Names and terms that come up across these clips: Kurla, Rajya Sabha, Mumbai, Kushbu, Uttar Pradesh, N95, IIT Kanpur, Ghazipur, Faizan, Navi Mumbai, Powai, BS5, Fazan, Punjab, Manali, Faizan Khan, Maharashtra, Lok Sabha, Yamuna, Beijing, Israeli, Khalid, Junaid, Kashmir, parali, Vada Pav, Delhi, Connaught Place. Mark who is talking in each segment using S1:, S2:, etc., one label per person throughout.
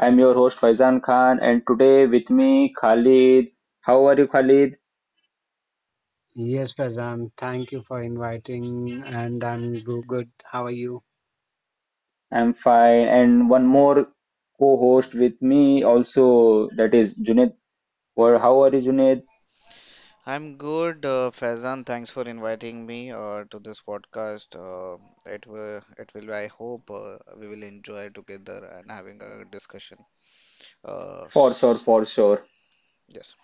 S1: I'm your host Faizan Khan, and today with me Khalid. How are you, Khalid?
S2: Yes, Fazan, thank you for inviting, and good. How are you?
S1: I'm fine. And one more co-host with me also, that is Junaid. Or how are you, Junaid?
S3: I'm good, Faizan. Thanks for inviting me to this podcast. It will, it will. I hope we will enjoy together and having a discussion. Uh,
S1: For sure,
S3: s-
S1: for sure.
S3: yes,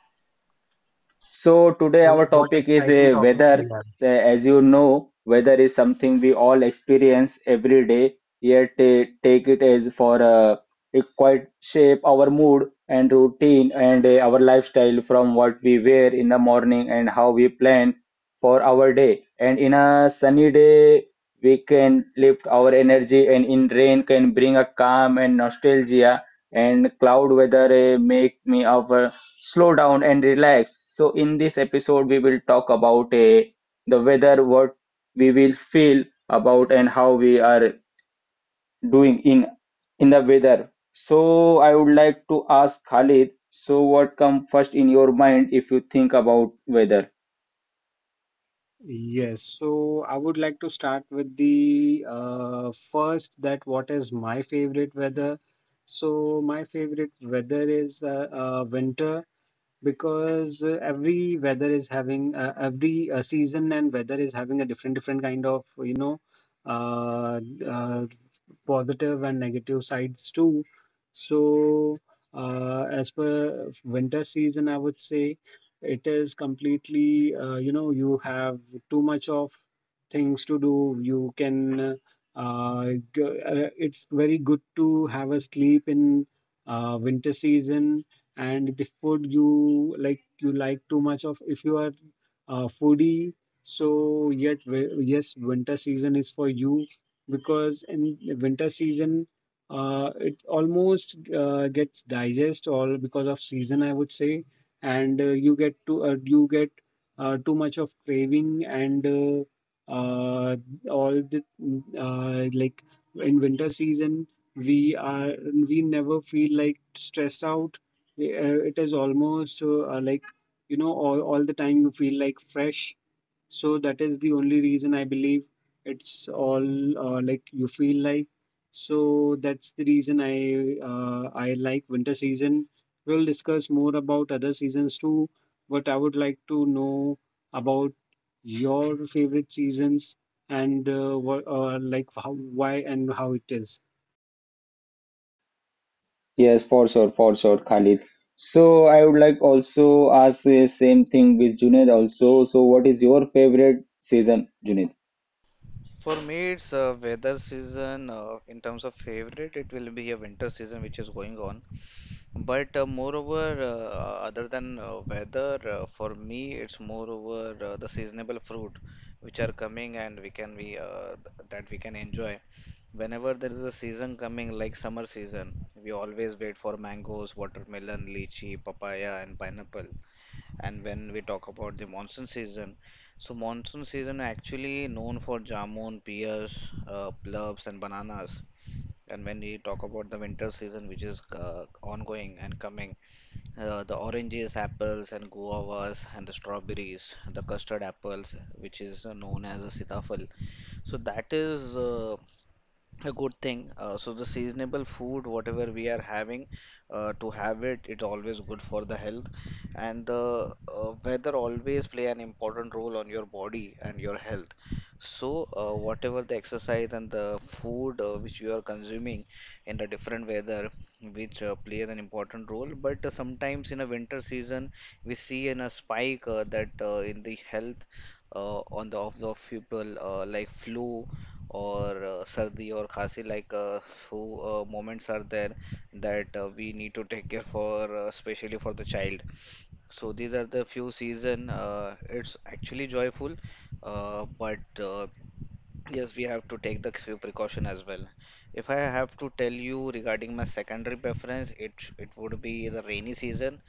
S1: So today
S2: So
S1: our
S2: what
S1: topic is
S2: exciting
S1: a
S2: topic we
S1: weather.
S2: have.
S1: So as you know, weather is something we all experience every day, yet take it as for it quite shape our mood and routine and our lifestyle from what we wear in the morning and how we plan for our day. And in a sunny day, we can lift our energy, and in rain can bring a calm and nostalgia and cloud weather make me over slow down and relax. So in this episode we will talk about the weather what we will feel about and how we are doing in the weather. So I would like to ask Khalid, so what come first in your mind if you think about weather?
S2: Yes, so I would like to start with the first that what is my favorite weather. So my favorite weather is winter because every weather is having every season and weather is having a different kind of uh, uh, positive and negative sides too, so as per winter season, I would say it is completely you have too much of things to do. You can uh, it's very good to have a sleep in winter season, and the food you like, you like too much of, if you are a foodie. So yet yes, winter season is for you, because in the winter season it almost gets digest all because of season, I would say. And you get to you get too much of craving, and all the like in winter season we are we never feel like stressed out. Yeah, it is almost like you know all the time you feel like fresh, so that is the only reason, I believe. It's all like you feel like, so that's the reason I like winter season. We'll discuss more about other seasons too, but I would like to know about your favorite seasons and what like how, why and how it is.
S1: Yes, for sure, for sure, Khalid. So I would like also ask the same thing with Junaid also, so what is your favorite season, Junaid?
S3: for me, it's a weather season. In terms of favorite, it will be a winter season which is going on. But moreover, other than weather, for me, it's moreover the seasonable fruit which are coming and we can be that we can enjoy. Whenever there is a season coming, like summer season, we always wait for mangoes, watermelon, lychee, papaya, and pineapple. And when we talk about the monsoon season, so monsoon season actually known for jamun, pears, plums, and bananas. And when we talk about the winter season, which is ongoing and coming, the oranges, apples, and guavas, and the strawberries, the custard apples, which is known as a sitafal. So that is a good thing. So the seasonable food, whatever we are having, to have it, it's always good for the health. And the weather always play an important role on your body and your health. So whatever the exercise and the food which you are consuming in the different weather, which plays an important role. But sometimes in a winter season, we see in a spike that in the health on the of the people like flu or sardi or khasi like few moments are there that we need to take care for especially for the child. So these are the few season, it's actually joyful, but yes, we have to take the few precaution as well. If I have to tell you regarding my secondary preference, it would be the rainy season.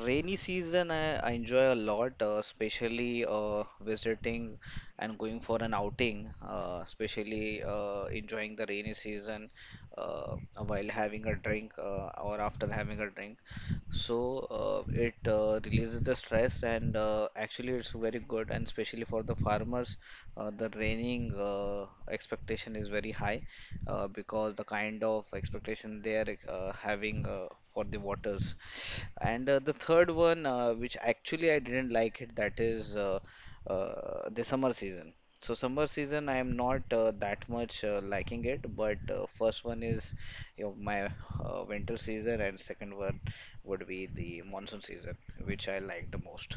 S3: Rainy season, I enjoy a lot, especially visiting and going for an outing, especially enjoying the rainy season uh, while having a drink or after having a drink. So it releases the stress, and actually, it's very good, and especially for the farmers, the raining expectation is very high because the kind of expectation they are having for the waters. And the third one, which actually I didn't like it, that is the summer season. So summer season, I am not that much liking it, but first one is my winter season, and second one would be the monsoon season, which I like the most.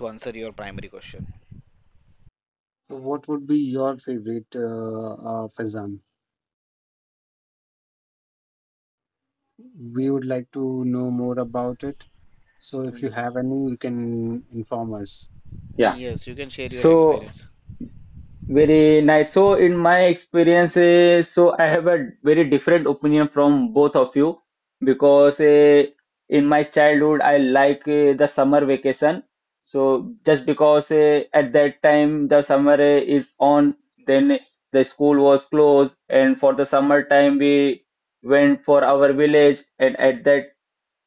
S3: To answer your primary question,
S2: So what would be your favorite, Fazan? We would like to know more about it. So if you
S3: Y-
S2: have any, you can inform us.
S1: Yeah.
S3: yes, you can share your
S1: So
S3: experience.
S1: very nice. So, in my experience, so I have a very different opinion from both of you because in my childhood I like the summer vacation. So, just because at that time the summer is on, then the school was closed, and for the summer time we went for our village, and at that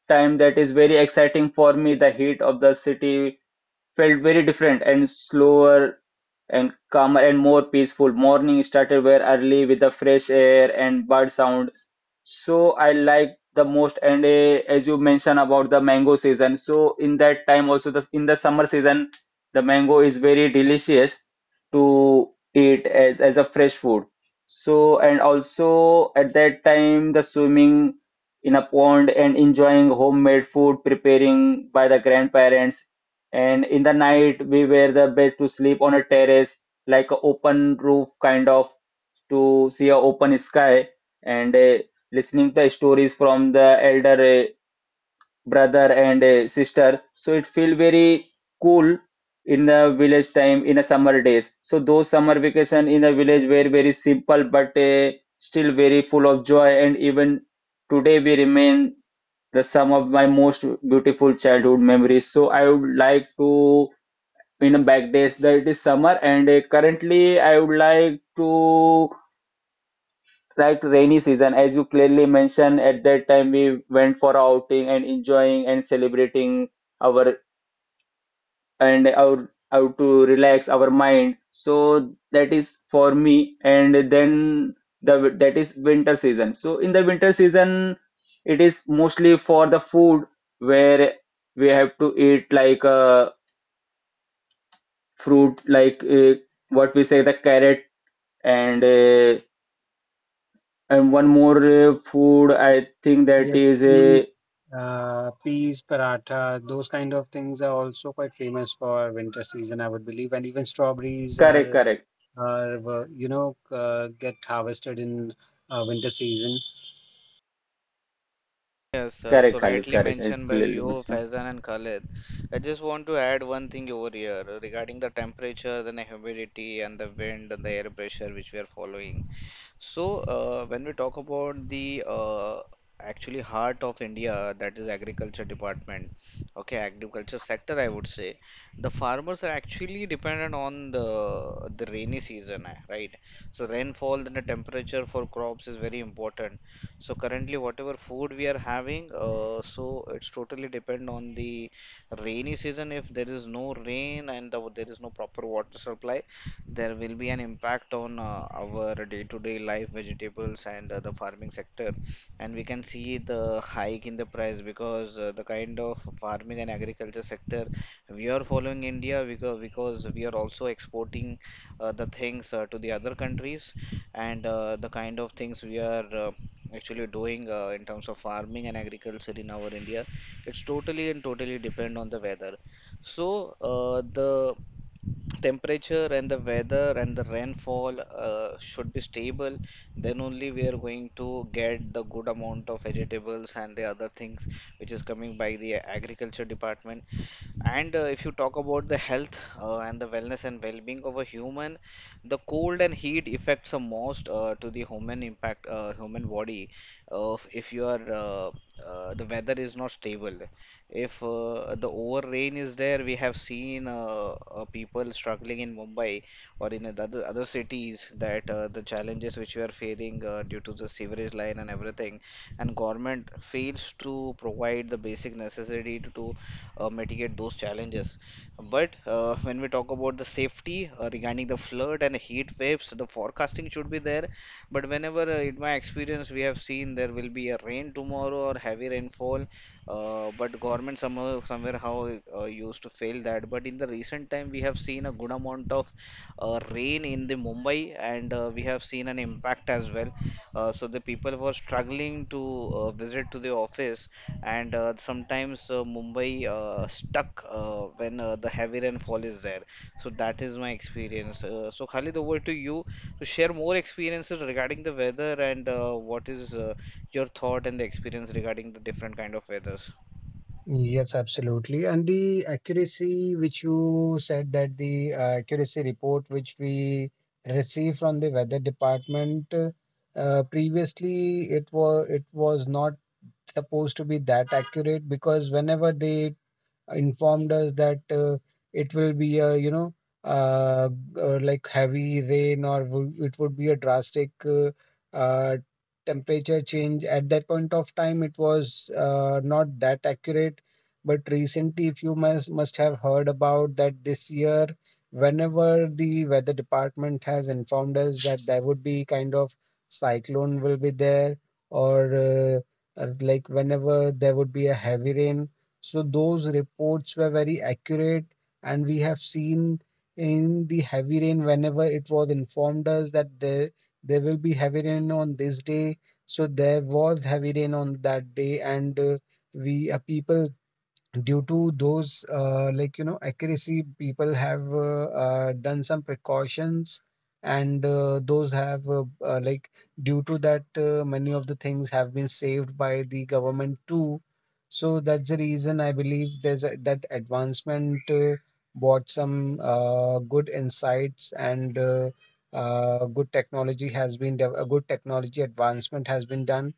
S1: time that is very exciting for me. The heat of the city felt very different and slower and calmer and more peaceful. Morning started very early with the fresh air and bird sound. So I like the most. And as you mentioned about the mango season, so in that time also the in the summer season, the mango is very delicious to eat as a fresh food. So and also at that time the swimming in a pond and enjoying homemade food preparing by the grandparents, and in the night, we were the best to sleep on a terrace, like a open roof kind of, to see a open sky and listening the stories from the elder brother and sister. So it feel very cool in the village time in the summer days. So those summer vacation in the village were very simple, but still very full of joy. And even today, we remain the some of my most beautiful childhood memories. So I would like to in back days that it is summer and currently I would like to like rainy season, as you clearly mentioned at that time we went for outing and enjoying and celebrating our and our how to relax our mind. So that is for me. And then the that is winter season. So in the winter season it is mostly for the food where we have to eat like fruit like what we say the carrot and uh, and one more food I think that
S2: Yes,
S1: is
S2: peas,
S1: a
S2: peas, paratha, those kind of things are also quite famous for winter season, I would believe. And even strawberries
S1: correct
S2: are,
S1: correct
S2: are get harvested in winter season.
S3: Yes,
S1: correct
S3: so
S1: Khalid
S3: rightly
S1: correct is
S3: mentioned by
S1: clearly
S3: you,
S1: mentioned.
S3: Faizan and Khalid. I just want to add one thing over here regarding the temperature, then the humidity, and the wind and the air pressure which we are following. So, when we talk about the actually heart of India, that is agriculture department, okay, agriculture sector, I would say, the farmers are actually dependent on the rainy season, eh, right? So rainfall and the temperature for crops is very important. So currently, whatever food we are having, so it's totally depend on the rainy season. If there is no rain and the, there is no proper water supply, there will be an impact on our day-to-day life, vegetables, and the farming sector. And we can see the hike in the price because the kind of farming and agriculture sector we are following India because we are also exporting the things to the other countries and the kind of things we are actually doing in terms of farming and agriculture in our India, it's totally depend on the weather. So the temperature and the weather and the rainfall should be stable, then only we are going to get the good amount of vegetables and the other things which is coming by the agriculture department. And if you talk about the health and the wellness and well-being of a human, the cold and heat affects the most to the human impact, human body. If you are The weather is not stable, if the over rain is there, we have seen people struggling in Mumbai or in the other cities that the challenges which we are facing due to the sewerage line and everything, and government fails to provide the basic necessity to mitigate those challenges. But when we talk about the safety regarding the flood and heat waves, the forecasting should be there. But whenever, in my experience, we have seen there will be a rain tomorrow or heavy rainfall, but government somehow somewhere how used to fail that. But in the recent time, we have seen a good amount of rain in the Mumbai, and we have seen an impact as well. So the people were struggling to visit to the office, and sometimes Mumbai stuck when the heavy rainfall is there. So that is my experience. So Khalid, over to you to share more experiences regarding the weather and what is your thought and the experience regarding the different kind of weathers.
S2: Yes, absolutely. And the accuracy which you said, that the accuracy report which we receive from the weather department, previously it was, not supposed to be that accurate, because whenever they informed us that it will be a, uh, g- like heavy rain, or it would be a drastic uh, temperature change, at that point of time, it was not that accurate. But recently, if you must have heard about that, this year, whenever the weather department has informed us that there would be kind of cyclone will be there, or like whenever there would be a heavy rain, so those reports were very accurate. And we have seen in the heavy rain, whenever it was informed us that there will be heavy rain on this day, so there was heavy rain on that day. And we people, due to those like you know accuracy, people have done some precautions, and those have like due to that, many of the things have been saved by the government too. So that's the reason I believe there's a, that advancement brought some good insights, and good technology has been a good technology advancement has been done.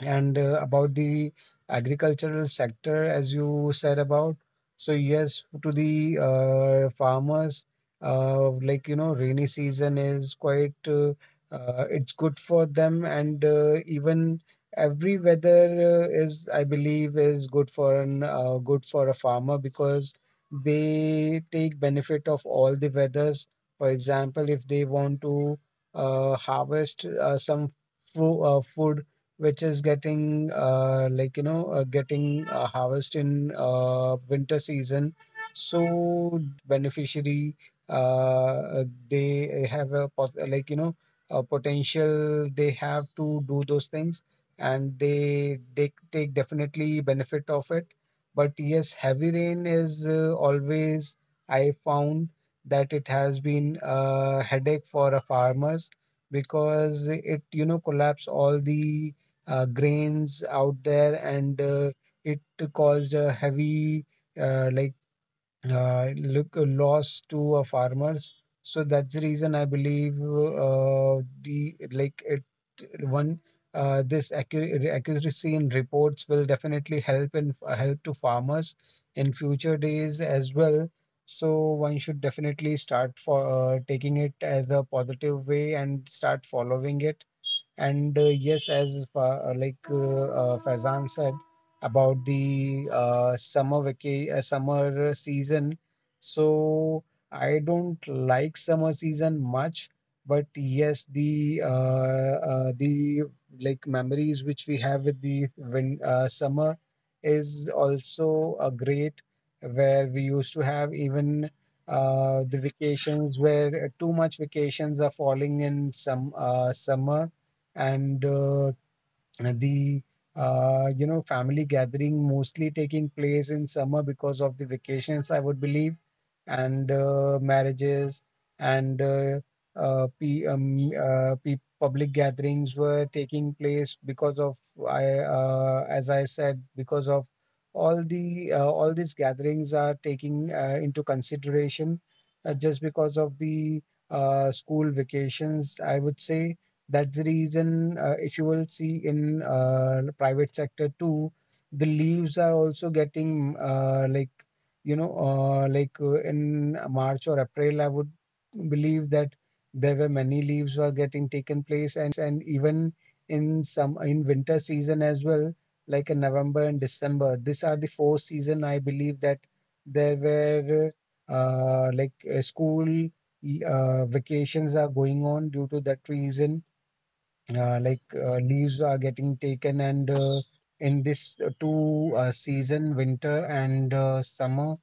S2: And about the agricultural sector, as you said about, so yes, to the farmers, rainy season is quite it's good for them. And even every weather is, I believe, is good for an good for a farmer, because they take benefit of all the weathers. For example, if they want to harvest some fru food which is getting like you know getting harvest in winter season. So that beneficiary uh, they have a like you know a potential they have to do those things, and they take definitely benefit of it. But yes, heavy rain is always I found that it has been a headache for a farmers, because it you know collapsed all the grains out there. And it caused a heavy like look loss to farmers. So that's the reason I believe the like it one this accuracy in reports will definitely help in help to farmers in future days as well. So one should definitely start for taking it as a positive way and start following it. And yes, as Faizan said about the summer vacation, summer season. So I don't like summer season much, but yes, the like memories which we have with the win summer is also a great, where we used to have even the vacations, where too much vacations are falling in some summer. And the you know family gathering, mostly taking place in summer because of the vacations, I would believe. And marriages and p p public gatherings were taking place because of I as I said, because of all the all these gatherings are taking into consideration just because of the school vacations, I would say. That's the reason if you will see in the private sector too, the leaves are also getting like you know in March or April, I would believe, that there were many leaves were getting taken place, and even in some in winter season as well, like in November and December. These are the four season I believe that there were school vacations are going on. Due to that reason leaves are getting taken. And in this two season, winter and summer,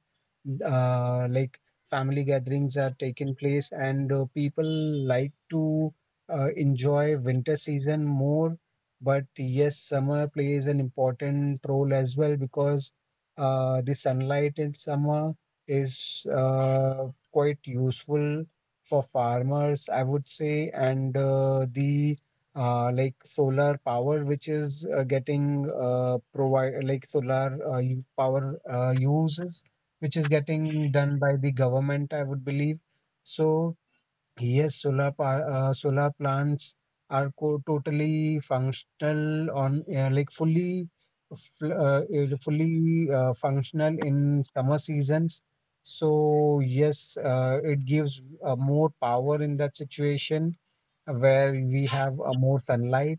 S2: like family gatherings are taking place. And people like to enjoy winter season more, but yes, summer plays an important role as well, because the sunlight in summer is quite useful for farmers, I would say. And the like solar power which is getting provide, like solar power uses which is getting done by the government, I would believe. So yes, solar power, solar plants are totally functional on like fully functional in summer seasons. So yes, it gives more power in that situation where we have more sunlight.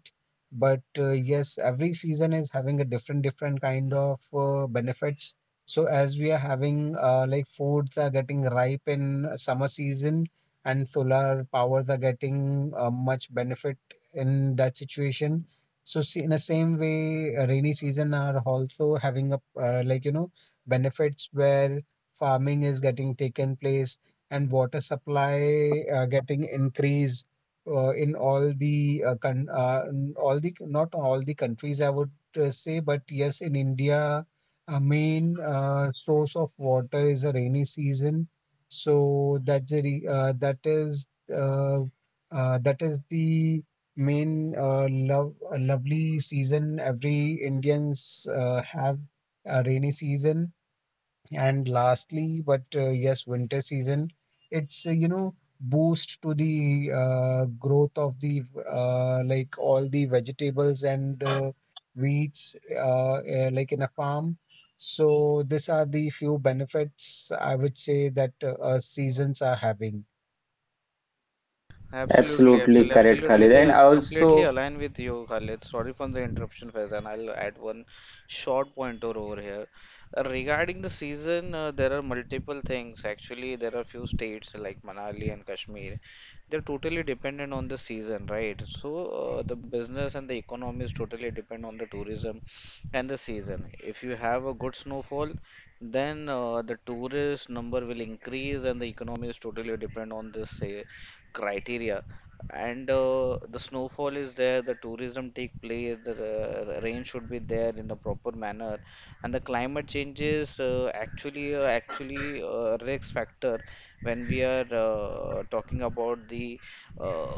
S2: But yes, every season is having a different kind of benefits. So as we are having like foods are getting ripe in summer season, and solar powers are getting much benefit in that situation. So see, in the same way, rainy season are also having a like you know benefits, where farming is getting taken place and water supply getting increased in all the all the, not all the countries, I would say, but yes, in India, a main source of water is a rainy season. So that's the uh, that is the main lovely season every Indians have, a rainy season. And lastly, but yes, winter season, it's, you know, boost to the growth of the like all the vegetables and wheats like in a farm. So these are the few benefits I would say that seasons are having.
S3: Absolutely,
S1: Absolutely
S3: absolutely,
S1: correct,
S3: absolutely.
S1: Khalid,
S3: They
S1: and
S3: are
S1: also
S3: Completely aligned with you, Khalid. Sorry for the interruption, Faizan. I'll add one short pointer over here. Regarding the season, there are multiple things. Actually, there are few states like Manali and Kashmir. They're totally dependent on the season, right? So, the business and the economy is totally depend on the tourism and the season. If you have a good snowfall, then the tourist number will increase and the economy is totally depend on this criteria. And the snowfall is there, the tourism take place, the rain should be there in a proper manner. And the climate changes actually actually risk factor when we are talking about the uh,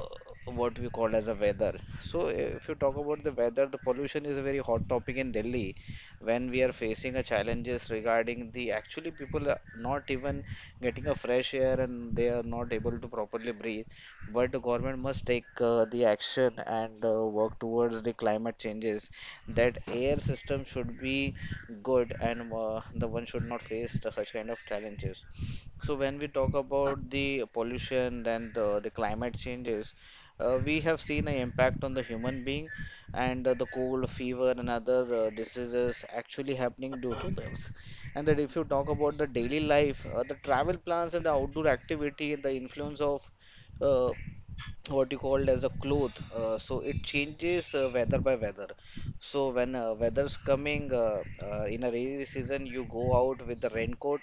S3: what we call as a weather. So if you talk about the weather, the pollution is a very hot topic in Delhi, when we are facing a challenges regarding the actually people are not even getting a fresh air and they are not able to properly breathe. But the government must take the action and work towards the climate changes. That air system should be good and the one should not face the such kind of challenges. So when we talk about the pollution and the climate changes, we have seen an impact on the human being and the cold, fever, and other diseases actually happening due to this. And that if you talk about the daily life, the travel plans and the outdoor activity and the influence of uh, what you called as a cloth, so it changes weather by weather. So when weather's coming in a rainy season, you go out with the raincoat,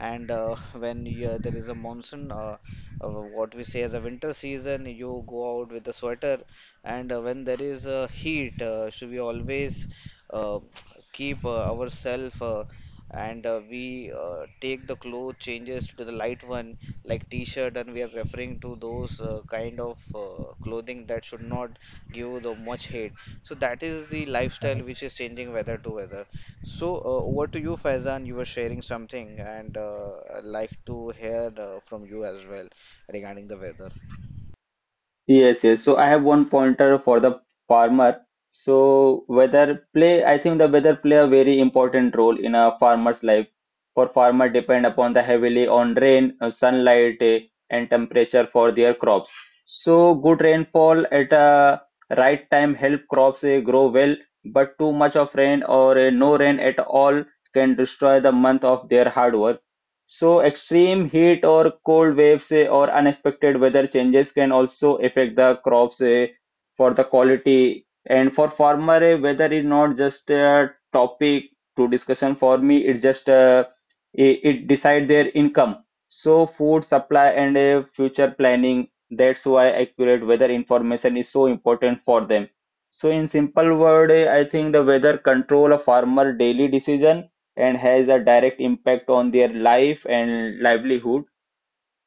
S3: and when you, there is a monsoon, what we say as a winter season, you go out with the sweater, and when there is heat, should we always uh, keep ourselves, and we take the clothes changes to the light one like t-shirt, and we are referring to those kind of clothing that should not give the much hate. So that is the lifestyle
S2: Correct.
S3: which is changing weather to weather. So over to you, Faizan. You were sharing something, and I'd like to hear from you as well regarding the weather.
S1: yes, yes. So I have one pointer for the farmer. So weather play, I think the weather play a very important role in a farmer's life. For farmer depend upon the heavily on rain, sunlight, and temperature for their crops. So good rainfall at a right time help crops grow well, but too much of rain or no rain at all can destroy the month of their hard work. So extreme heat or cold waves or unexpected weather changes can also affect the crops for the quality. And for farmer, weather is not just a topic to discussion for me. It's just it, decide their income. So food supply and future planning. That's why accurate weather information is so important for them. So in simple word, I think the weather control a farmer daily decision and has a direct impact on their life and livelihood.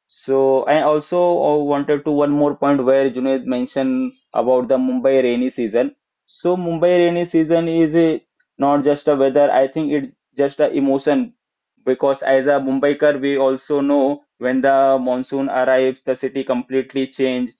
S1: So I also wanted to one more point where Junaid mentioned about the Mumbai rainy season. So Mumbai rainy season is a, not just a weather. I think it's just a emotion because as a Mumbaikar, we also know when the monsoon arrives, the city completely change,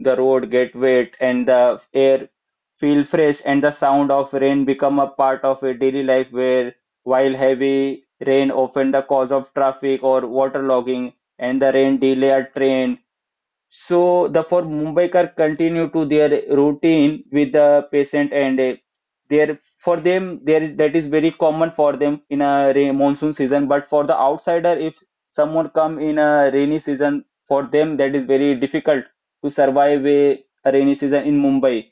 S1: the road get wet, and the air feel fresh, and the sound of rain become a part of a daily life where while heavy rain often the cause of traffic or waterlogging and the rain delay a train. So the for Mumbaikar continue to their routine with the patient and there for them there is- that is very common for them in a rain, monsoon season. But for the outsider, if someone come in a rainy season, for them that is very difficult to survive a rainy season in Mumbai.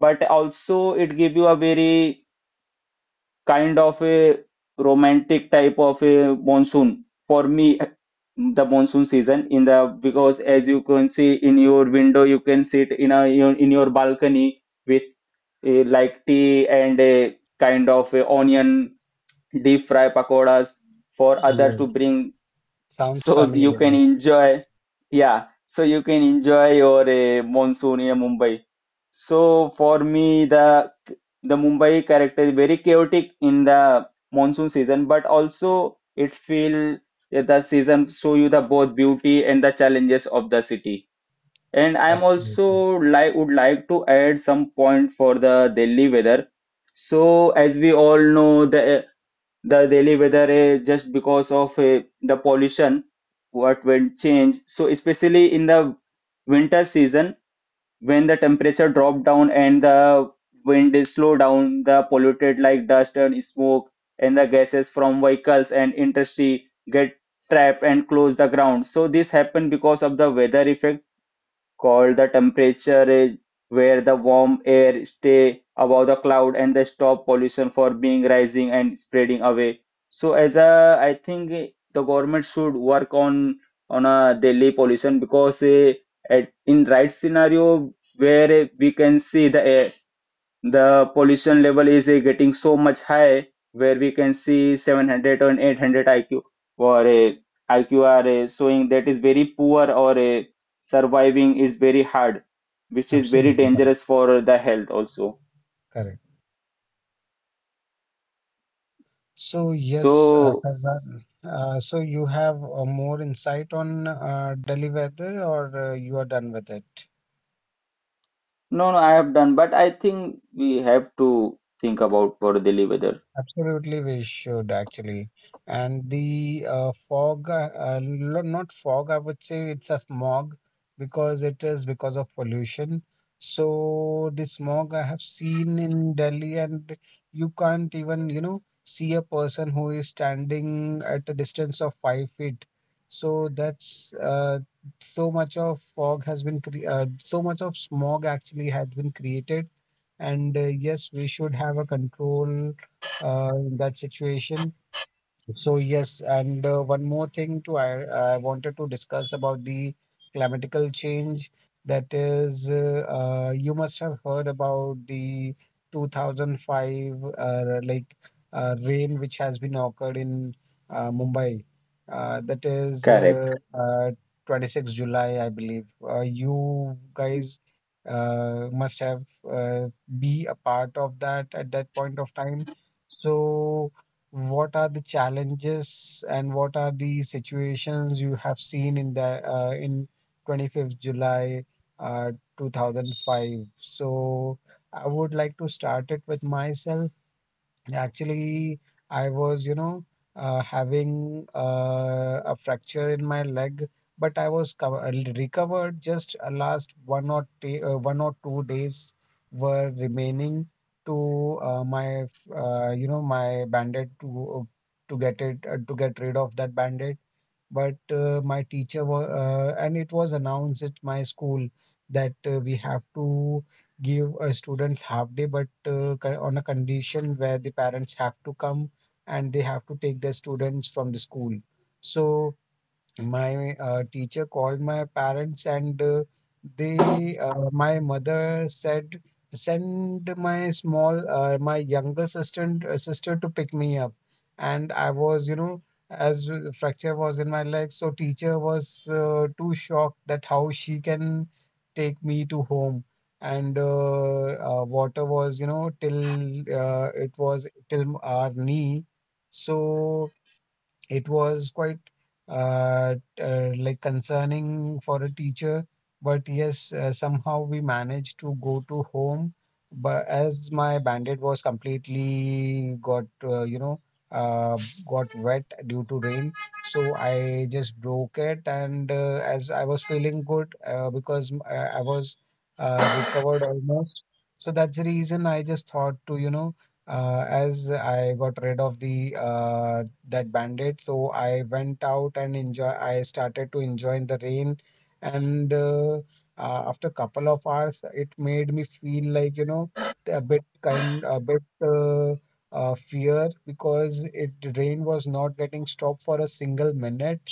S1: But also it give you a very kind of a romantic type of a monsoon. For me the monsoon season in the, because as you can see in your window you can sit in a in your balcony with a, like tea and a kind of a onion deep fry pakoras for others
S2: Yeah.
S1: to bring,
S2: Sounds
S1: so you
S2: familiar.
S1: can enjoy, yeah, so you can enjoy your monsoon in Mumbai. So for me, the Mumbai character is very chaotic in the monsoon season, but also it feel that the season show you the both beauty and the challenges of the city. And I'm
S2: Absolutely.
S1: also like would like to add some point for the Delhi weather. So as we all know, the daily weather just because of the pollution what will change, so especially in the winter season when the temperature drop down and the wind is slow down the polluted like dust and smoke and the gases from vehicles and industry get trapped and close the ground. So this happen because of the weather effect called the temperature range, where the warm air stay above the cloud and they stop pollution for being rising and spreading away. So as a, I think the government should work on a daily pollution because at, in right scenario where we can see the air the pollution level is getting so much high where we can see 700 or 800 IQ or a IQ are showing that is very poor or surviving is very hard, which is very
S2: Absolutely correct.
S1: dangerous for the health also.
S2: Correct. So yes,
S1: So
S2: Faizan, so you have more insight on Delhi weather, or you are done with it?
S1: no, no, I have done, but I think we have to think about for daily weather.
S2: Absolutely, we should actually. And the fog, not fog, I would say it's a smog, because it is because of pollution. So the smog I have seen in Delhi, and you can't even, you know, see a person who is standing at a distance of 5 feet. So that's so much of fog has been cre so much of smog actually has been created. And yes, we should have a control in that situation. So yes, and one more thing to I wanted to discuss about the climatical change. That is, you must have heard about the 2005 like rain which has been occurred in Mumbai. That is
S1: Correct.
S2: 26 July, I believe. You guys must have uh, be a part of that at that point of time. So what are the challenges and what are the situations you have seen in the in 25th July uh, 2005? So I would like to start it with myself. Actually, I was, you know, having a fracture in my leg, but I was recovered. Just last 1 or 2 days were remaining to my bandage to get it to get rid of that bandage, but my teacher was, and it was announced at my school that we have to give a student half day, but on a condition where the parents have to come and they have to take their students from the school. So my teacher called my parents, and they my mother said, send my small my younger sister to pick me up. And I was, as a fracture was in my leg, so teacher was too shocked that how she can take me to home. And water was you know till it was till our knee, so it was quite uh, like concerning for a teacher, but yes, somehow we managed to go to home. But as my bandit was completely got you know uh, got wet due to rain, so I just broke it. And as I was feeling good because I was recovered almost, so that's the reason I just thought to, as I got rid of the uh, that bandit. So I went out and enjoy. I started to enjoy in the rain, and after couple of hours, it made me feel like, a bit fear, because it rain was not getting stopped for a single minute.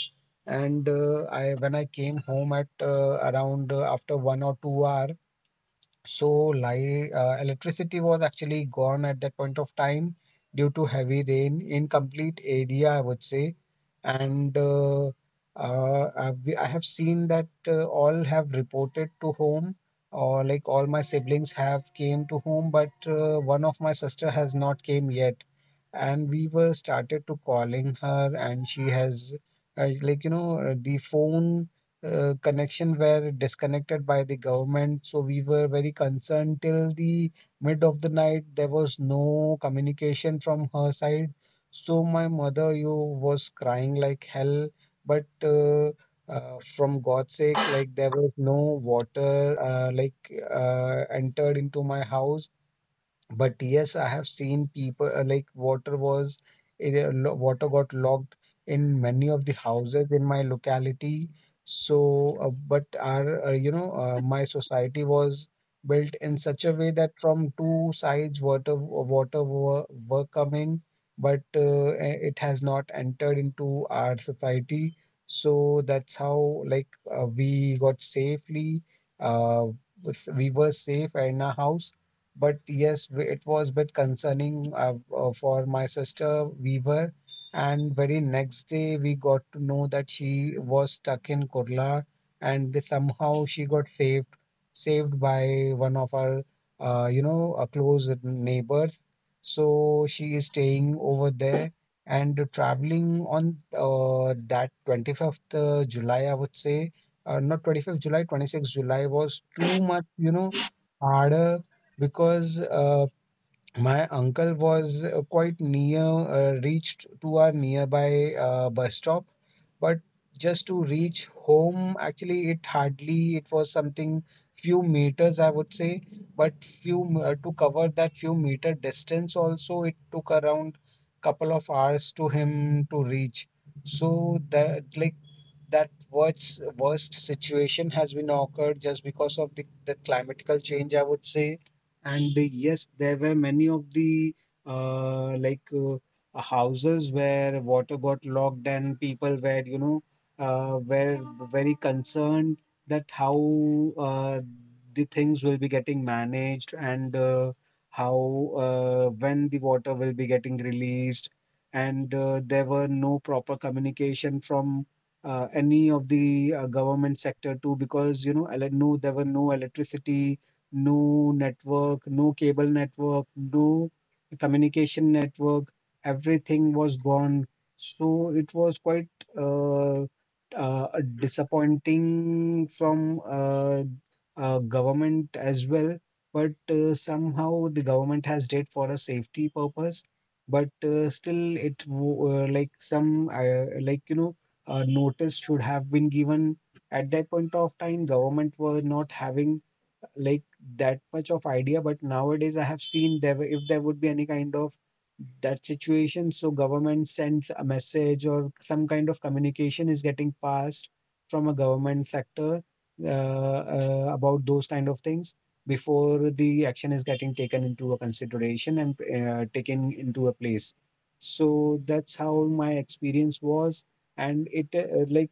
S2: And I when I came home at around after 1 or 2 hour. So light electricity was actually gone at that point of time due to heavy rain in complete area, I would say. And I have seen that all have reported to home, or like all my siblings have came to home, but one of my sister has not came yet, and we were started to calling her, and she has like you know the phone connection were disconnected by the government. So we were very concerned. Till the mid of the night, there was no communication from her side, so my mother you was crying like hell. But from God's sake, like there was no water, like entered into my house. But yes, I have seen people, like water was it, lo- water got locked in many of the houses in my locality. So, but our you know my society was built in such a way that from two sides water were coming, but it has not entered into our society. So that's how, like, uh, we got safely uh, we were safe in our house. But yes, it was a bit concerning for my sister. And very next day we got to know that she was stuck in Kurla, and somehow she got saved by one of our, close neighbors. So she is staying over there and traveling on that 25th July, I would say. Not 25th July, 26th July was too much, harder, because my uncle reached to our nearby bus stop. But just to reach home, actually, it was something few meters, I would say. But to cover that few meter distance also, it took around couple of hours to him to reach. So that, like, that worst situation has been occurred just because of the climatical change, I would say. And yes, there were many of the like houses where water got locked, and people were, were very concerned that how the things will be getting managed, and how when the water will be getting released. And there were no proper communication from any of the government sector too, because, no, there were no electricity, no network, no cable network, no communication network. Everything was gone, so it was quite uh, a disappointing from, government as well. But somehow the government has did for a safety purpose. But still, it wo- like some notice should have been given at that point of time. Government were not having like that much of idea, but nowadays I have seen, if there would be any kind of that situation, so government sends a message or some kind of communication is getting passed from a government sector about those kind of things before the action is getting taken into a consideration and taken into a place. So that's how my experience was, and it like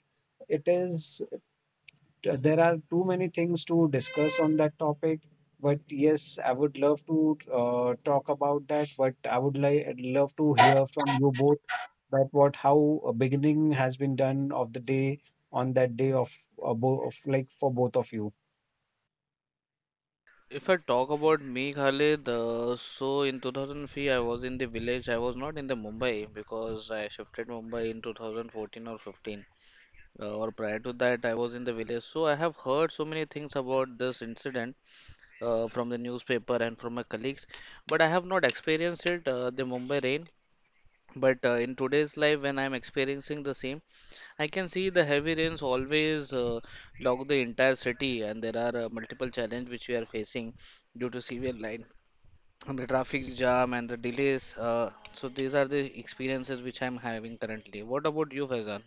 S2: it is, yeah. There are too many things to discuss on that topic, but yes, I would love to talk about that. But I would love to hear from you both that what how a beginning has been done of the day on that day of, bo- of like for both of you.
S3: If I talk about me, Khalid, so in 2003 I was in the village. I was not in the Mumbai because I shifted Mumbai in 2014 or 15. Or prior to that, I was in the village. So I have heard so many things about this incident from the newspaper and from my colleagues, but I have not experienced it, the Mumbai rain. But in today's life, when I'm experiencing the same, I can see the heavy rains always log the entire city, and there are multiple challenges which we are facing due to severe line and the traffic jam and the delays. So these are the experiences which I'm having currently. What about you, Faizan?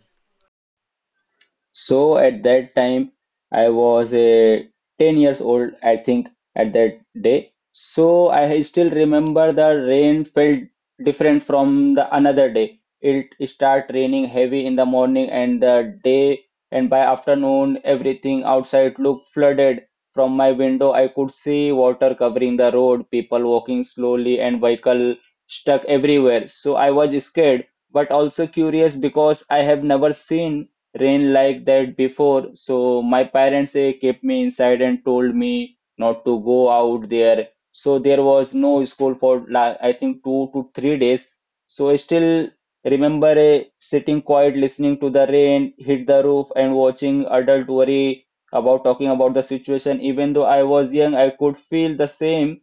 S1: So at that time, I was a 10 years old, I think, at that day. So I still remember the rain felt different from the another day. It start raining heavy in the morning and the day and by afternoon everything outside looked flooded. From my window, I could see water covering the road, people walking slowly and vehicle stuck everywhere. So I was scared, but also curious because I have never seen rain like that before. So my parents kept me inside and told me not to go out there. So there was no school for I think 2 to 3 days. So I still remember sitting quiet, listening to the rain hit the roof and watching adult worry about talking about the situation. Even though I was young, I could feel the same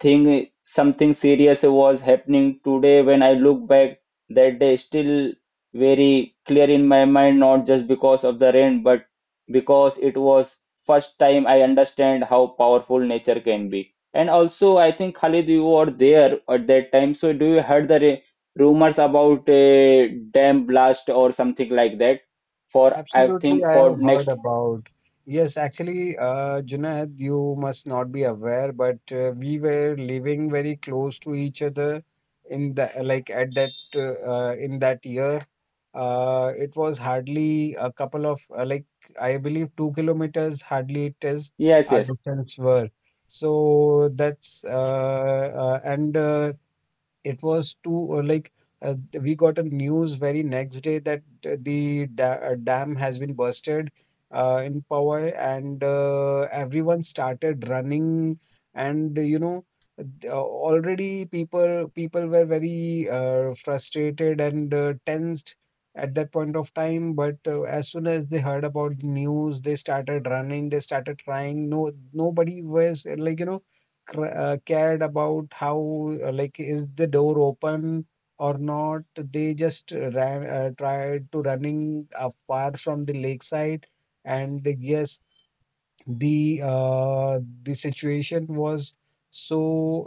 S1: think something serious was happening. Today when I look back that day still very clear in my mind, not just because of the rain but because it was first time I understand how powerful nature can be. And also I think Khalid you were there at that time, so do you heard the rumors about a dam blast or something like that for I
S2: Absolutely,
S1: think
S2: I
S1: for
S2: have heard
S1: next?
S2: about. Yes, actually, Junaid, you must not be aware, but we were living very close to each other in the like at that in that year. It was hardly a couple of, like, I believe, 2 kilometers, hardly it is
S1: Yes,
S2: our
S1: yes,
S2: distance were. So that's and it was too like uh, we got a news very next day that the da dam has been bursted in Powai, and everyone started running. And already people were very frustrated and tensed at that point of time. But as soon as they heard about the news, they started running, they started crying. No Nobody was, like, cared about how, like, is the door open or not. They just ran tried to running far from the lakeside. And yes, the situation was so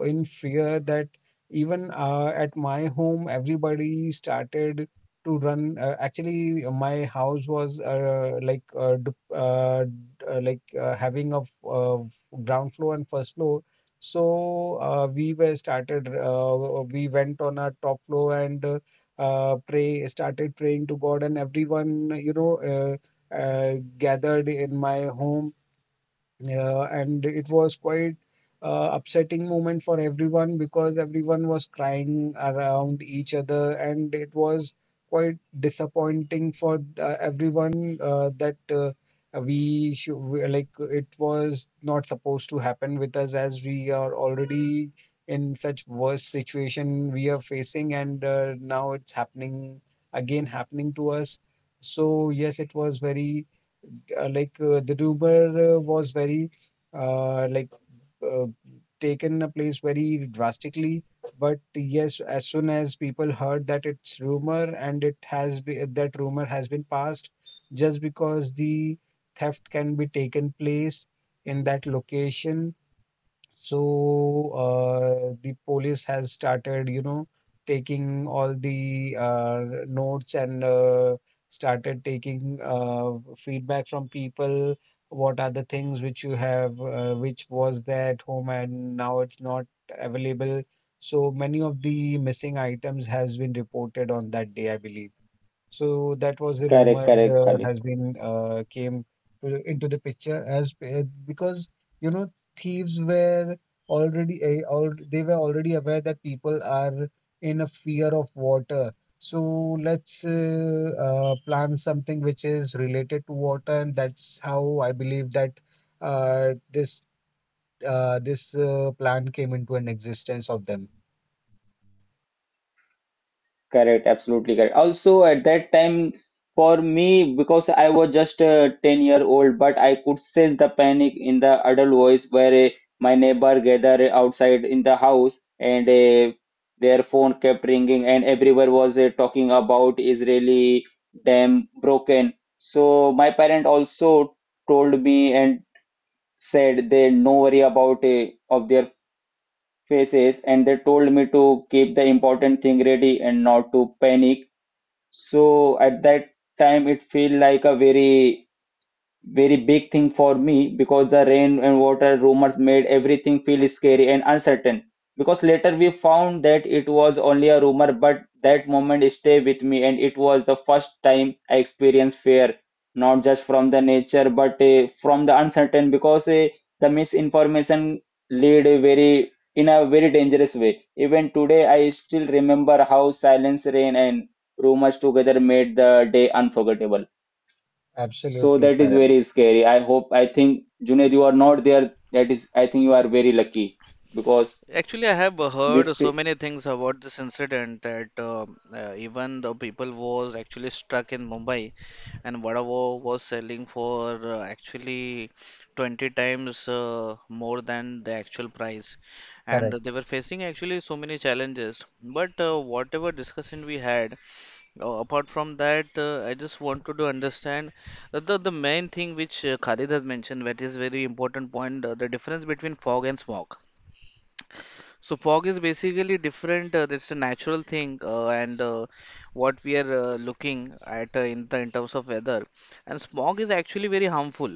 S2: in fear that even at my home, everybody started to run. Actually, my house was, like, like, having a ground floor and first floor, so we were started we went on our top floor and pray started praying to God. And everyone, gathered in my home, yeah. And it was quite upsetting moment for everyone, because everyone was crying around each other, and it was quite disappointing for everyone, that we should like it was not supposed to happen with us, as we are already in such worse situation we are facing, and now it's happening again, happening to us. So yes, it was very, like, the Duber was very, like, uh, taken a place very drastically. But yes, as soon as people heard that it's rumor, and that rumor has been passed, just because the theft can be taken place in that location. So the police has started, taking all the notes and started taking feedback from people. What are the things which which was there at home and now it's not available. So many of the missing items has been reported on that day, I believe. So that was a
S1: correct,
S2: rumor
S1: correct, Khalid.
S2: has been came into the picture. As Because, you know thieves were already, all they were already aware that people are in a fear of water. So let's plan something which is related to water. And that's how I believe that uh, this this plan came into an existence of them.
S1: Correct, absolutely correct. Also, at that time, for me, because I was just 10-year-old, but I could sense the panic in the adult voice where my neighbor gathered outside in the house and their phone kept ringing, and everyone was talking about Israeli dam broken. So, my parent also told me and said they no worry about of their faces, and they told me to keep the important thing ready and not to panic. So at that time, it feel like a very very big thing for me because the rain and water rumors made everything feel scary and uncertain. Because later we found that it was only a rumor, but that moment stayed with me, and it was the first time I experienced fear, not just from the nature, but from the uncertain. Because the misinformation lead a very in a very dangerous way. Even today, I still remember how silence, rain, and rumors together made the day unforgettable. So
S2: Absolutely
S1: that is
S2: correct,
S1: very scary. I hope, I think, Junaid, you are not there. That is, I think you are very lucky because
S3: Actually, I have
S1: we
S3: heard
S1: f
S3: so many things about this incident that even the people was actually stuck in Mumbai, and Vada Pav was selling for actually 20 times more than the actual price, and
S2: correct,
S3: they were facing actually so many challenges. But whatever discussion we had, apart from that, I just wanted to understand that the main thing which Khalid has mentioned, that is very important point, the difference between fog and smog. So fog is basically different. It's a natural thing, and what we are looking at in terms of weather. And smog is actually very harmful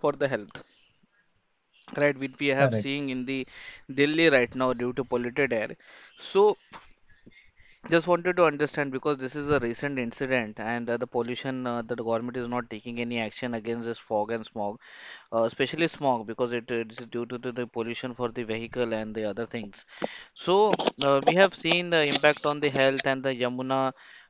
S3: for the health, right? Which we have
S2: correct.
S3: seeing in the Delhi right now due to polluted air. So just wanted to understand because this is a recent incident, and the pollution that the government is not taking any action against this fog and smog, especially smog, because it is due to the pollution for the vehicle and the other things. So we have seen the impact on the health, and the Yamuna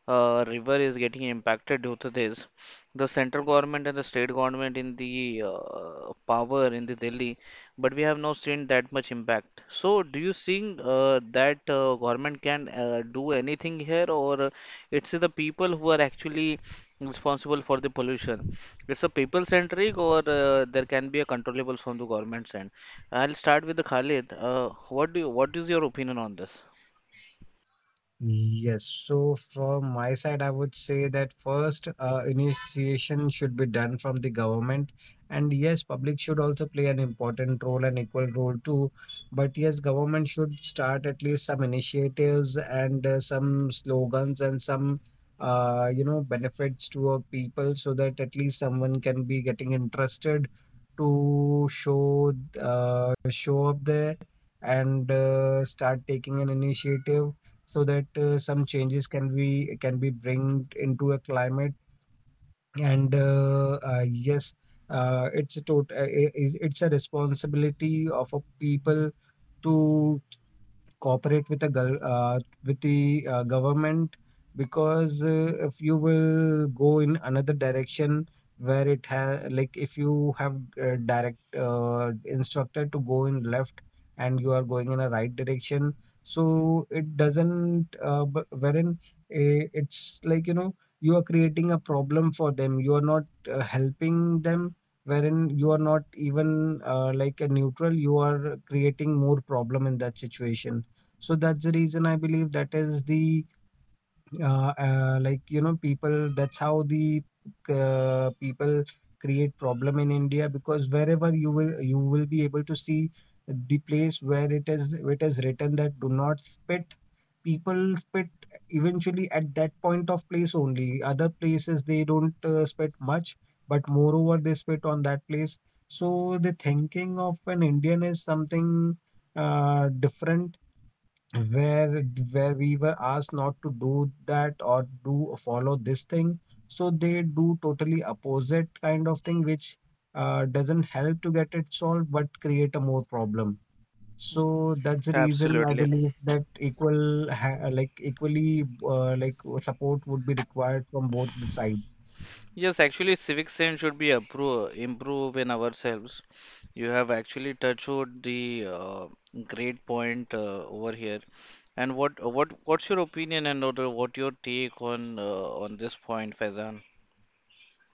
S3: river is getting impacted due to this. The central government and the state government in the power in the Delhi, but we have not seen that much impact. So do you think that government can do anything here, or it's the people who are actually responsible for the pollution? It's a people-centric, or there can be a controllables from the government's end? I'll start with the Khalid. What is your opinion on this?
S2: Yes. So from my side, I would say that first, initiation should be done from the government. And yes, public should also play an important role and equal role too. But yes, government should start at least some initiatives and some slogans and some, benefits to our people so that at least someone can be getting interested to show, show up there and start taking an initiative so that some changes can be bring into a climate and yes it's a tot- I- is- it's a responsibility of a people to cooperate with the with the government because if you will go in another direction where it has, like, if you have direct instructor to go in left and you are going in a right direction, so it doesn't wherein it's like, you know, you are creating a problem for them. You are not helping them, wherein you are not even like a neutral. You are creating more problem in that situation, so that's the reason I believe that is the like, you know, people, that's how the people create problem in India, because wherever you will be able to see the place where it is written that do not spit, people spit eventually at that point of place only. Other places they don't spit much, but moreover they spit on that place. So the thinking of an Indian is something different, where we were asked not to do that or do follow this thing, so they do totally opposite kind of thing which doesn't help to get it solved but create a more problem. So that's the reason I
S3: Absolutely.
S2: believe that equal like equally like support would be required from both the sides.
S3: Yes, actually, civic sense should be appro improve in ourselves. You have actually touched on the great point over here. And what's your opinion, and what your take on this point, Faizan?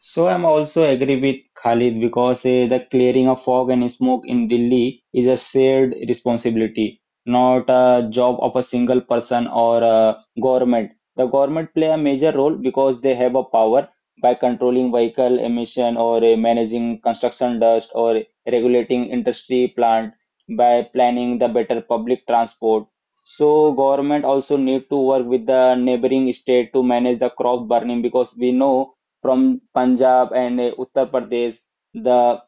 S1: so I'm also agree with Khalid because the clearing of fog and smoke in Delhi is a shared responsibility, not a job of a single person or a government. The government play a major role because they have a power by controlling vehicle emission or managing construction dust or regulating industry plant by planning the better public transport. So government also need to work with the neighboring state to manage the crop burning because we know from Punjab and Uttar Pradesh. The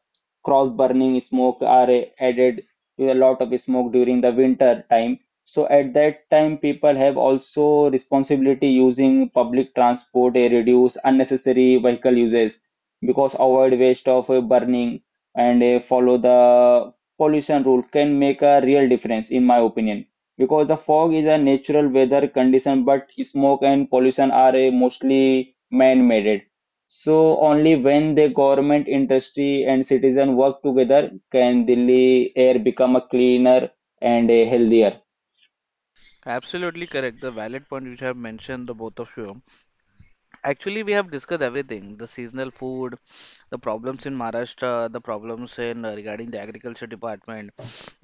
S1: crop burning smoke are added with a lot of smoke during the winter time. So at that time, people have also responsibility using public transport, reduce unnecessary vehicle uses because avoid waste of burning and follow the pollution rule can make a real difference in my opinion because the fog is a natural weather condition but smoke and pollution are a mostly man-made so only when the government, industry, and citizen work together can Delhi air become a cleaner and a healthier.
S3: Absolutely correct. The valid point which I have mentioned, the both of you. Actually, we have discussed everything, the seasonal food, the problems in Maharashtra, the problems in regarding the agriculture department,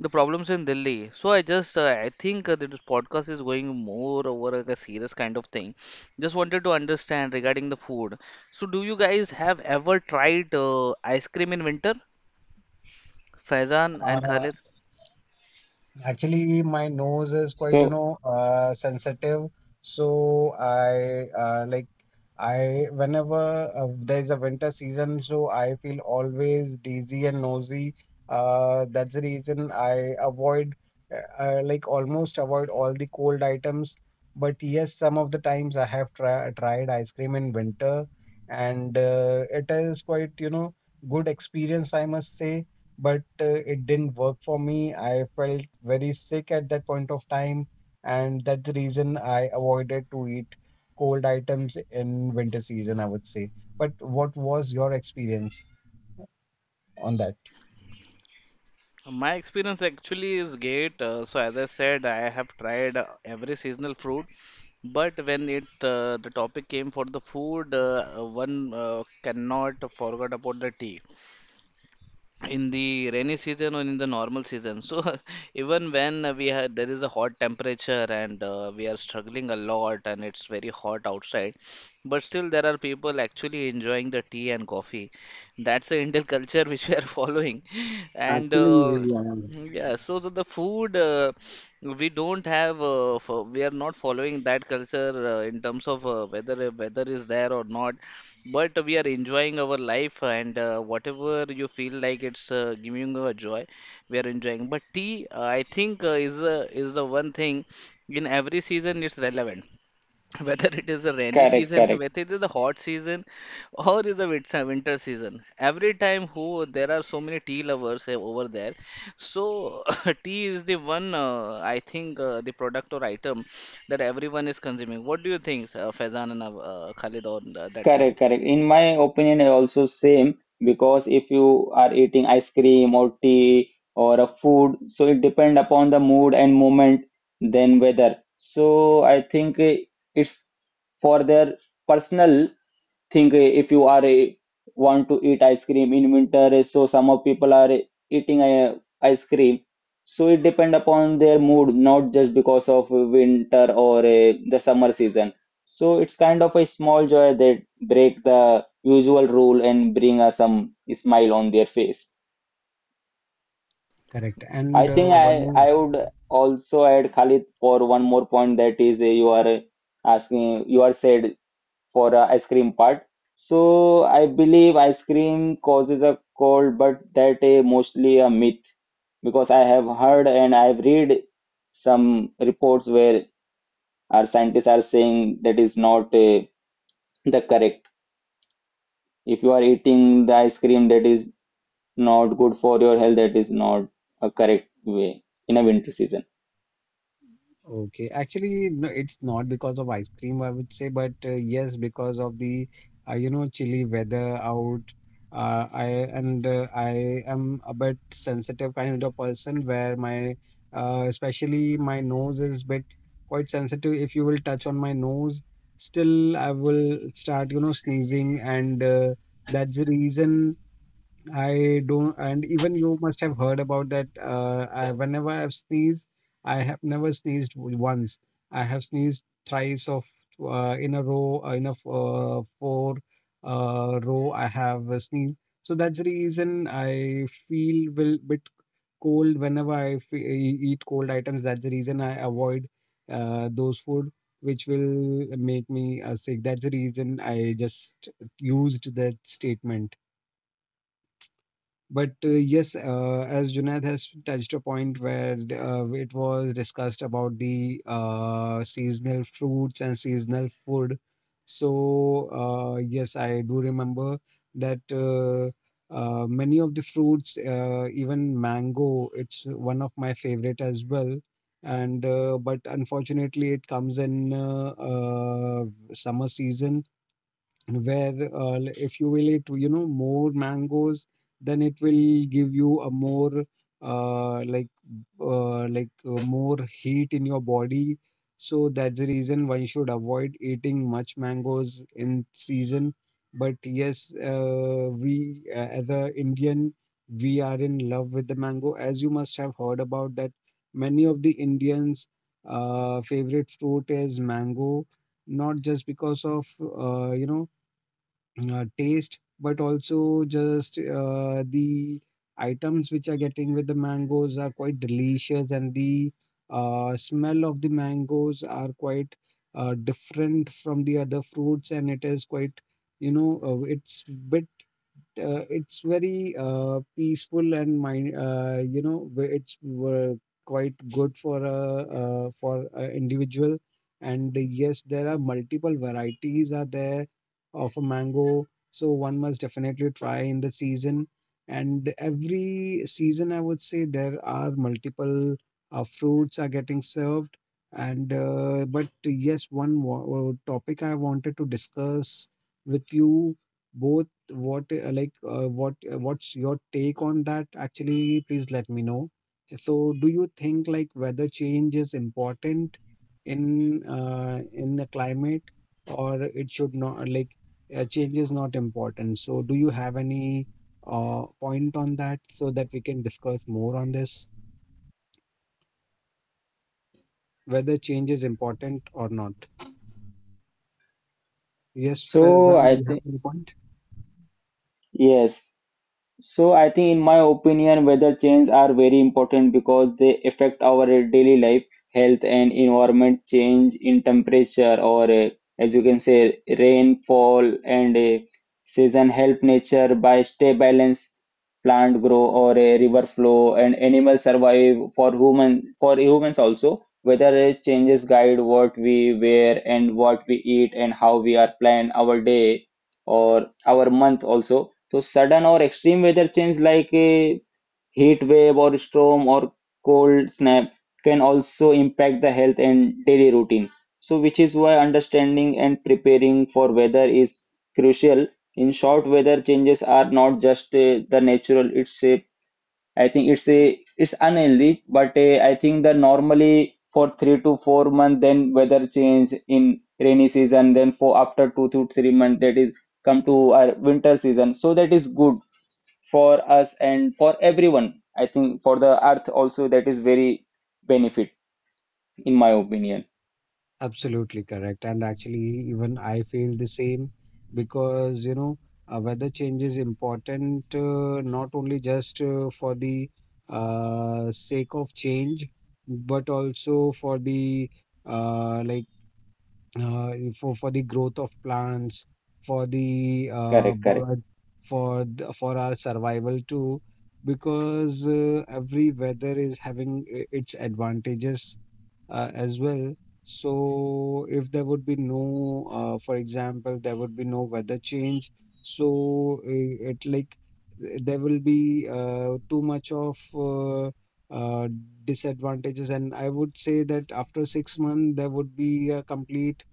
S3: the problems in Delhi. So I just I think that this podcast is going more over like a serious kind of thing. Just wanted to understand regarding the food. So do you guys have ever tried ice cream in winter? Faizan and
S2: Uh,
S3: Khalid?
S2: Actually, my nose is quite,
S1: So
S2: sensitive. So I like I whenever there's a winter season, so I feel always dizzy and nosy. That's the reason I avoid, like almost avoid all the cold items. But yes, some of the times I have tried ice cream in winter, and it is quite, you know, good experience, I must say, but it didn't work for me. I felt very sick at that point of time, and that's the reason I avoided to eat cold items in winter season, I would say. But what was your experience on that?
S3: My experience actually is great. So as I said, I have tried every seasonal fruit, but when it the topic came for the food, one cannot forget about the tea in the rainy season or in the normal season. So even when we have there is a hot temperature and we are struggling a lot and it's very hot outside, but still there are people actually enjoying the tea and coffee. That's the Indian culture which we are following. And
S2: Actually, yeah.
S3: yeah, so the food we don't have we are not following that culture in terms of whether weather is there or not, but we are enjoying our life, and whatever you feel like, it's giving you a joy, we are enjoying. But tea, I think, is the one thing in every season it's relevant whether it is a rainy
S1: correct,
S3: season
S1: correct,
S3: whether it is the hot season or is a winter season. Every time who there are so many tea lovers over there. So tea is the one, I think, the product or item that everyone is consuming. What do you think, Faizan and Khalid, on that
S1: correct,
S3: point?
S1: correct. In my opinion, I also same because if you are eating ice cream or tea or a food, so it depend upon the mood and moment, then weather. So I think it's for their personal think if you are a, want to eat ice cream in winter so some of people are eating ice cream so it depend upon their mood not just because of winter or the summer season so it's kind of a small joy that break the usual rule and bring us some smile on their face.
S2: Correct.
S1: I
S2: And
S1: think i
S2: one more.
S1: i would also add Khalid for one more point that is you are asking you are said for a ice cream part. So I believe ice cream causes a cold, but that is mostly a myth because I have heard and I've read some reports where our scientists are saying that is not the correct. If you are eating the ice cream that is not good for your health, that is not a correct way in a winter season.
S2: Okay, actually, no, it's not because of ice cream, I would say, but yes, because of the chilly weather out. Uh, I I am a bit sensitive kind of person where my especially my nose is bit quite sensitive. If you will touch on my nose, still I will start, you know, sneezing, and that's the reason I don't, and even you must have heard about that. I, whenever I've sneezed, I have never sneezed once. I have sneezed thrice of in a row, in a four row I have sneezed. So that's the reason I feel will bit cold whenever I eat cold items. That's the reason I avoid those food which will make me sick. That's the reason I just used that statement. But yes, as Junaid has touched a point where it was discussed about the seasonal fruits and seasonal food. So, yes, I do remember that many of the fruits, even mango, it's one of my favorite as well. And but unfortunately, it comes in summer season, where if you will eat, you know, more mangoes, then it will give you a more uh, like like more heat in your body. So that's the reason one should avoid eating much mangoes in season. But yes, we as a Indian, we are in love with the mango. As you must have heard about that, many of the Indians favorite fruit is mango, not just because of taste, but also just the items which are getting with the mangoes are quite delicious, and the smell of the mangoes are quite different from the other fruits, and it is quite, it's bit it's very peaceful and mind, it's uh, quite good for a individual. And yes, there are multiple varieties are there of a mango, so one must definitely try in the season. And every season, I would say, there are multiple fruits are getting served. And but yes, one topic I wanted to discuss with you both. What like what what's your take on that? Actually, please let me know. So, do you think like weather change is important in the climate, or it should not, like change is not important? So, do you have any point on that so that we can discuss more on this? Whether change is important or not? Yes,
S1: So
S2: Faizan, do
S1: I
S2: you have
S1: think
S2: any point?
S1: yes. So I think in my opinion weather change are very important because they affect our daily life, health and environment change in temperature or as you can say rainfall and season help nature by stay balance plant grow or a river flow and animals survive for human for humans also weather changes guide what we wear and what we eat and how we are plan our day or our month also so sudden or extreme weather change like a heat wave or storm or cold snap can also impact the health and daily routine. So which is why understanding and preparing for weather is crucial. In short, weather changes are not just the natural, it's a I think it's a it's unhealthy, but I think that normally for 3 to 4 months, then weather change in rainy season, then for after 2 to 3 months, that is come to our winter season. So that is good for us and for everyone. I think for the earth also that is very benefit in my opinion.
S2: Absolutely correct. And actually, even I feel the same because, you know, weather change is important not only just for the sake of change, but also for the like uh, for the growth of plants, for the
S1: Correct, correct.
S2: bird, for the, for our survival too, because every weather is having its advantages as well. So if there would be no, for example, there would be no weather change, so it like there will be too much of uh, disadvantages, and I would say that after 6 months there would be a complete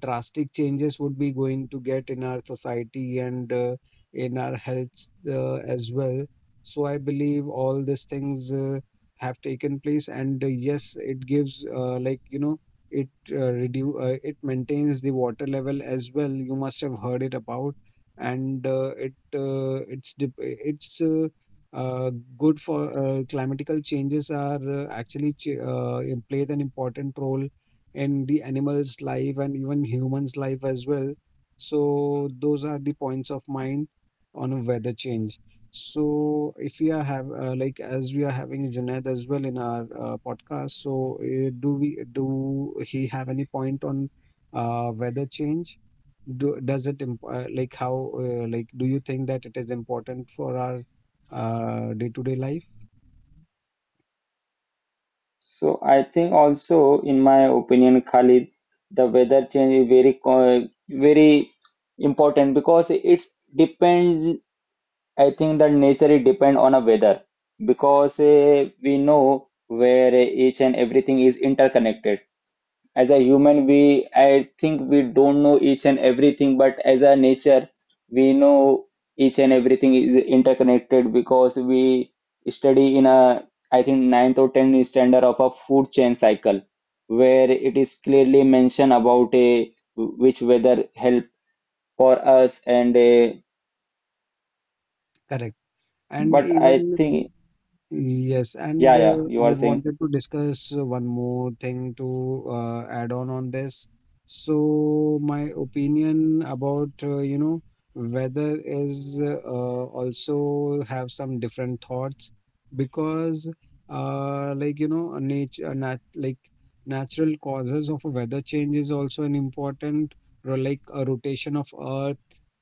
S2: drastic changes would be going to get in our society and in our health as well. So I believe all these things have taken place, and yes, it gives like, you know, it reduce it maintains the water level as well. You must have heard it about, and it it's uh, good for climatical changes are actually play an important role and the animals' life and even humans' life as well. So those are the points of mind on a weather change. So if we are have like as we are having Junaid as well in our podcast, so do we do he have any point on weather change? Does it imp like how like do you think that it is important for our day-to-day life?
S1: So I think also in my opinion, Khalid, the weather change is very very important because it's depend I think that nature it depend on a weather because we know where each and everything is interconnected. As a human, we I think we don't know each and everything, but as a nature, we know each and everything is interconnected because we study in a I think ninth or tenth standard of a food chain cycle, where it is clearly mentioned about a which weather help for us and a,
S2: Correct. And
S1: but I
S2: even
S1: think
S2: yes, and
S1: yeah, yeah, you
S2: I
S1: are saying
S2: wanted to
S1: something.
S2: discuss one more thing to add on this. So my opinion about weather is also have some different thoughts, because like, you know, nature nat like natural causes of a weather change is also an important, or like a rotation of earth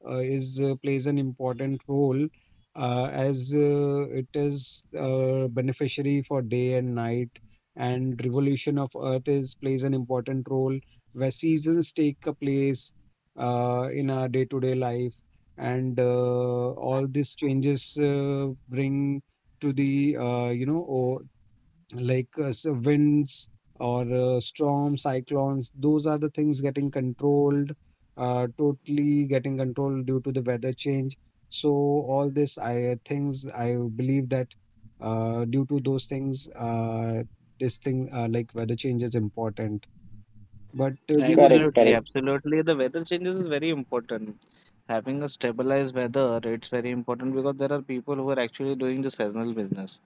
S2: is plays an important role as it is beneficiary for day and night, and revolution of earth is plays an important role where seasons take a place in our day-to-day life, and all these changes bring to the winds or storms, cyclones, those are the things getting controlled, totally getting controlled due to the weather change. So all this I things I believe that due to those things, this thing like weather change is important. But we would
S1: Correct,
S2: like
S4: Absolutely,
S1: correct.
S4: absolutely. The weather changes is very important. Having a stabilized weather, it's very important because there are people who are actually doing the seasonal business.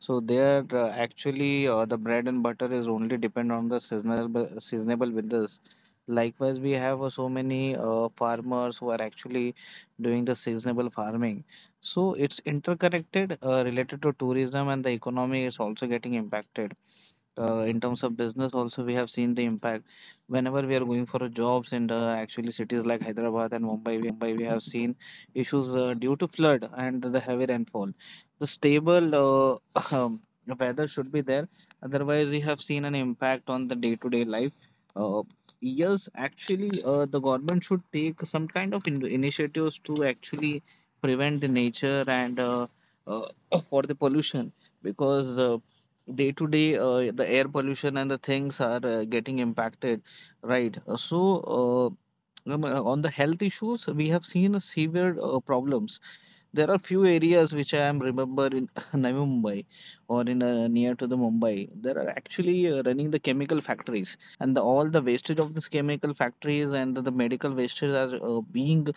S4: So they are actually the bread and butter is only depend on the seasonal seasonable business. Likewise, we have so many farmers who are actually doing the seasonable farming. So it's interconnected, related to tourism, and the economy is also getting impacted in terms of business. Also, we have seen the impact whenever we are going for jobs in the actually cities like Hyderabad and Mumbai. We have seen issues due to flood and the heavy rainfall. The stable um, weather should be there, otherwise we have seen an impact on the day-to-day life. uh, yes, actually, the government should take some kind of initiatives to actually prevent the nature and uh, for the pollution, because day to day the air pollution and the things are getting impacted, right? Uh, on the health issues, we have seen a severe problems. There are few areas which I am remember in Navi Mumbai or in near to the Mumbai. There are actually running the chemical factories, and the, all the wastage of these chemical factories and the medical wastage are being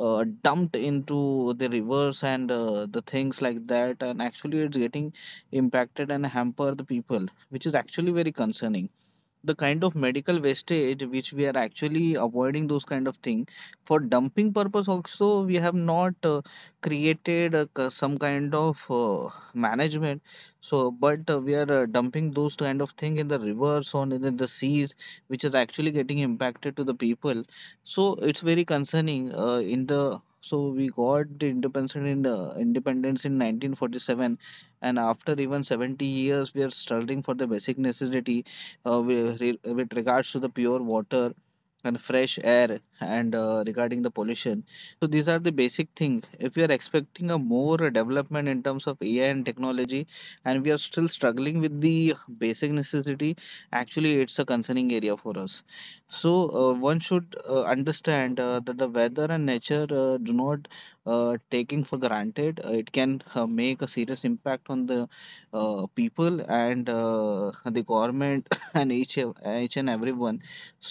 S4: dumped into the rivers and the things like that. And actually, it's getting impacted and hamper the people, which is actually very concerning. The kind of medical wastage which we are actually avoiding, those kind of thing for dumping purpose, also we have not created a, some kind of management. So but we are dumping those kind of thing in the rivers or in the seas, which is actually getting impacted to the people. So it's very concerning in the so we got the independence in 1947, and after even 70 years we are struggling for the basic necessity with regards to the pure water and fresh air and regarding the pollution. So these are the basic thing. If we are expecting a more development in terms of AI and technology, and we are still struggling with the basic necessity, actually it's a concerning area for us. So one should understand that the weather and nature do not taking for granted. It can make a serious impact on the people and the government and each and everyone.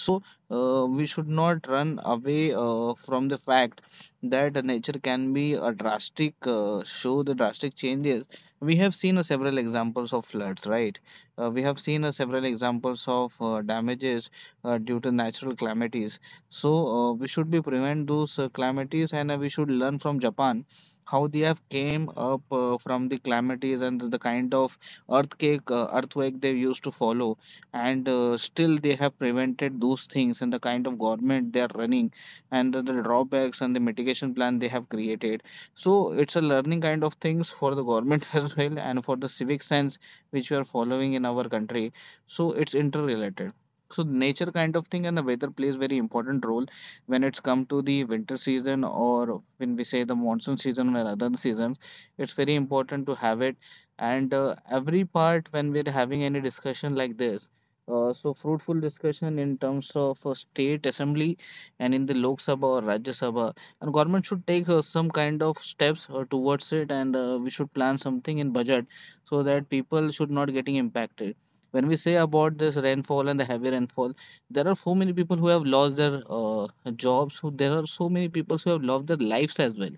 S4: So we should not run away from the fact that nature can be a drastic show the drastic changes. We have seen several examples of floods, right? We have seen several examples of damages due to natural calamities. So we should be prevent those calamities, and we should learn from Japan how they have came up from the calamities and the kind of earthquake earthquake they used to follow, and still they have prevented those things, and the kind of government they are running, and the drawbacks and the mitigation plan they have created. So it's a learning kind of things for the government as well, and for the civic sense which we are following in our country. So it's interrelated. So nature kind of thing and the weather plays very important role when it's come to the winter season, or when we say the monsoon season or other seasons. It's very important to have it. And every part when we're having any discussion like this, so fruitful discussion in terms of state assembly and in the Lok Sabha or Rajya Sabha, and government should take some kind of steps towards it, and we should plan something in budget so that people should not getting impacted. When we say about this rainfall and the heavy rainfall, there are so many people who have lost their jobs. Who There are so many people who have lost their lives as well.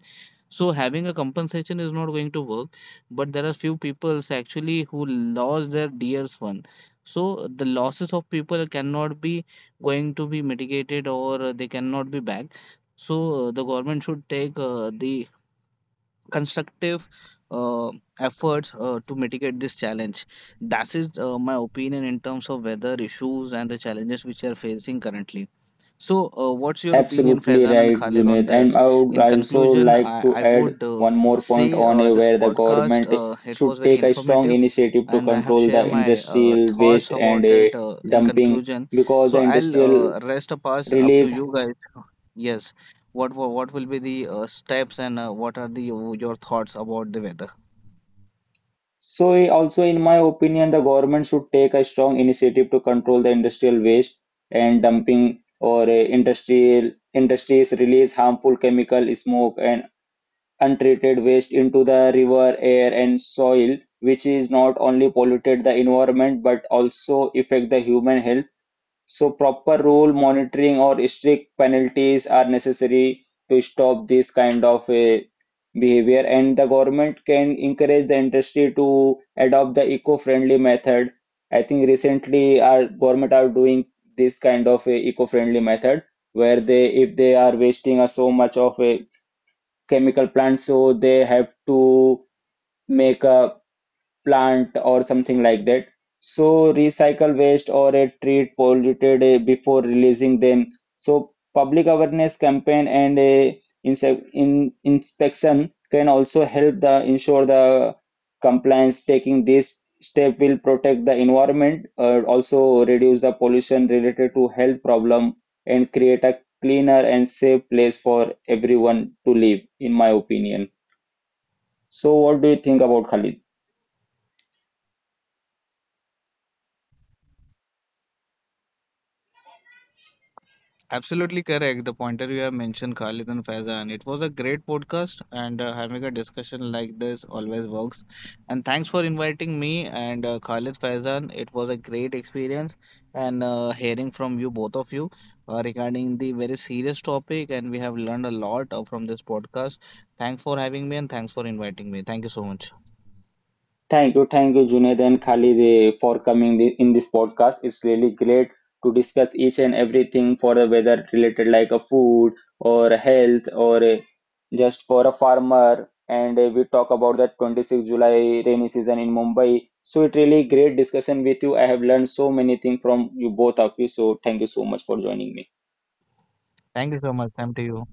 S4: So having a compensation is not going to work, but there are few peoples actually who lost their dear one, so the losses of people cannot be going to be mitigated or they cannot be back. So the government should take the constructive uh, efforts to mitigate this challenge. That is my opinion in terms of weather issues and the challenges which are facing currently. So, what's your opinion,
S1: Absolutely
S4: Faizan and
S1: right,
S4: Khalid, on
S1: Junaid.
S4: this?
S1: And I would
S4: In
S1: also
S4: conclusion,
S1: like
S4: I,
S1: to
S4: I
S1: add
S4: would
S1: one more point
S4: say
S1: on a
S4: this
S1: where the
S4: podcast
S1: government
S4: it
S1: should
S4: was very
S1: take a strong
S4: informative,
S1: initiative to
S4: and I have
S1: control the
S4: shared my
S1: industrial waste
S4: thoughts
S1: and
S4: about
S1: a
S4: it. In
S1: dumping
S4: conclusion,
S1: because
S4: so
S1: the
S4: I'll
S1: industrial
S4: rest a pass up to
S1: release.
S4: you guys. Yes, what will be the steps, and what are the your thoughts about the weather?
S1: So also in my opinion, the government should take a strong initiative to control the industrial waste and dumping or industrial industries release harmful chemical, smoke and untreated waste into the river, air, and soil, which is not only polluted the environment but also affect the human health. So proper rule monitoring or strict penalties are necessary to stop this kind of a behavior and the government can encourage the industry to adopt the eco-friendly method. I think recently our government are doing this kind of a eco-friendly method where they if they are wasting so much of chemical plant so they have to make a plant or something like that. So recycle waste or a treat polluted before releasing them. So public awareness campaign and a inse- in inspection can also help the ensure the compliance. Taking this step will protect the environment, also reduce the pollution related to health problem, and create a cleaner and safe place for everyone to live. In my opinion. So what do you think about Khalid?
S4: Absolutely correct. The pointer you have mentioned, Khalid and Faizan. It was a great podcast, and having a discussion like this always works. And thanks for inviting me and Khalid Faizan. It was a great experience, and hearing from you, both of you, regarding the very serious topic. And we have learned a lot from this podcast. Thanks for having me, and thanks for inviting me. Thank you so much.
S1: Thank you, Junaid and Khalid, for coming in this podcast. It's really great to discuss each and everything for the weather related, like a food or health or just for a farmer. And we talk about that 26 July rainy season in Mumbai. So it really great discussion with you. I have learned so many things from you both of you. So thank you so much for joining me.
S4: Thank you so much. Same to you.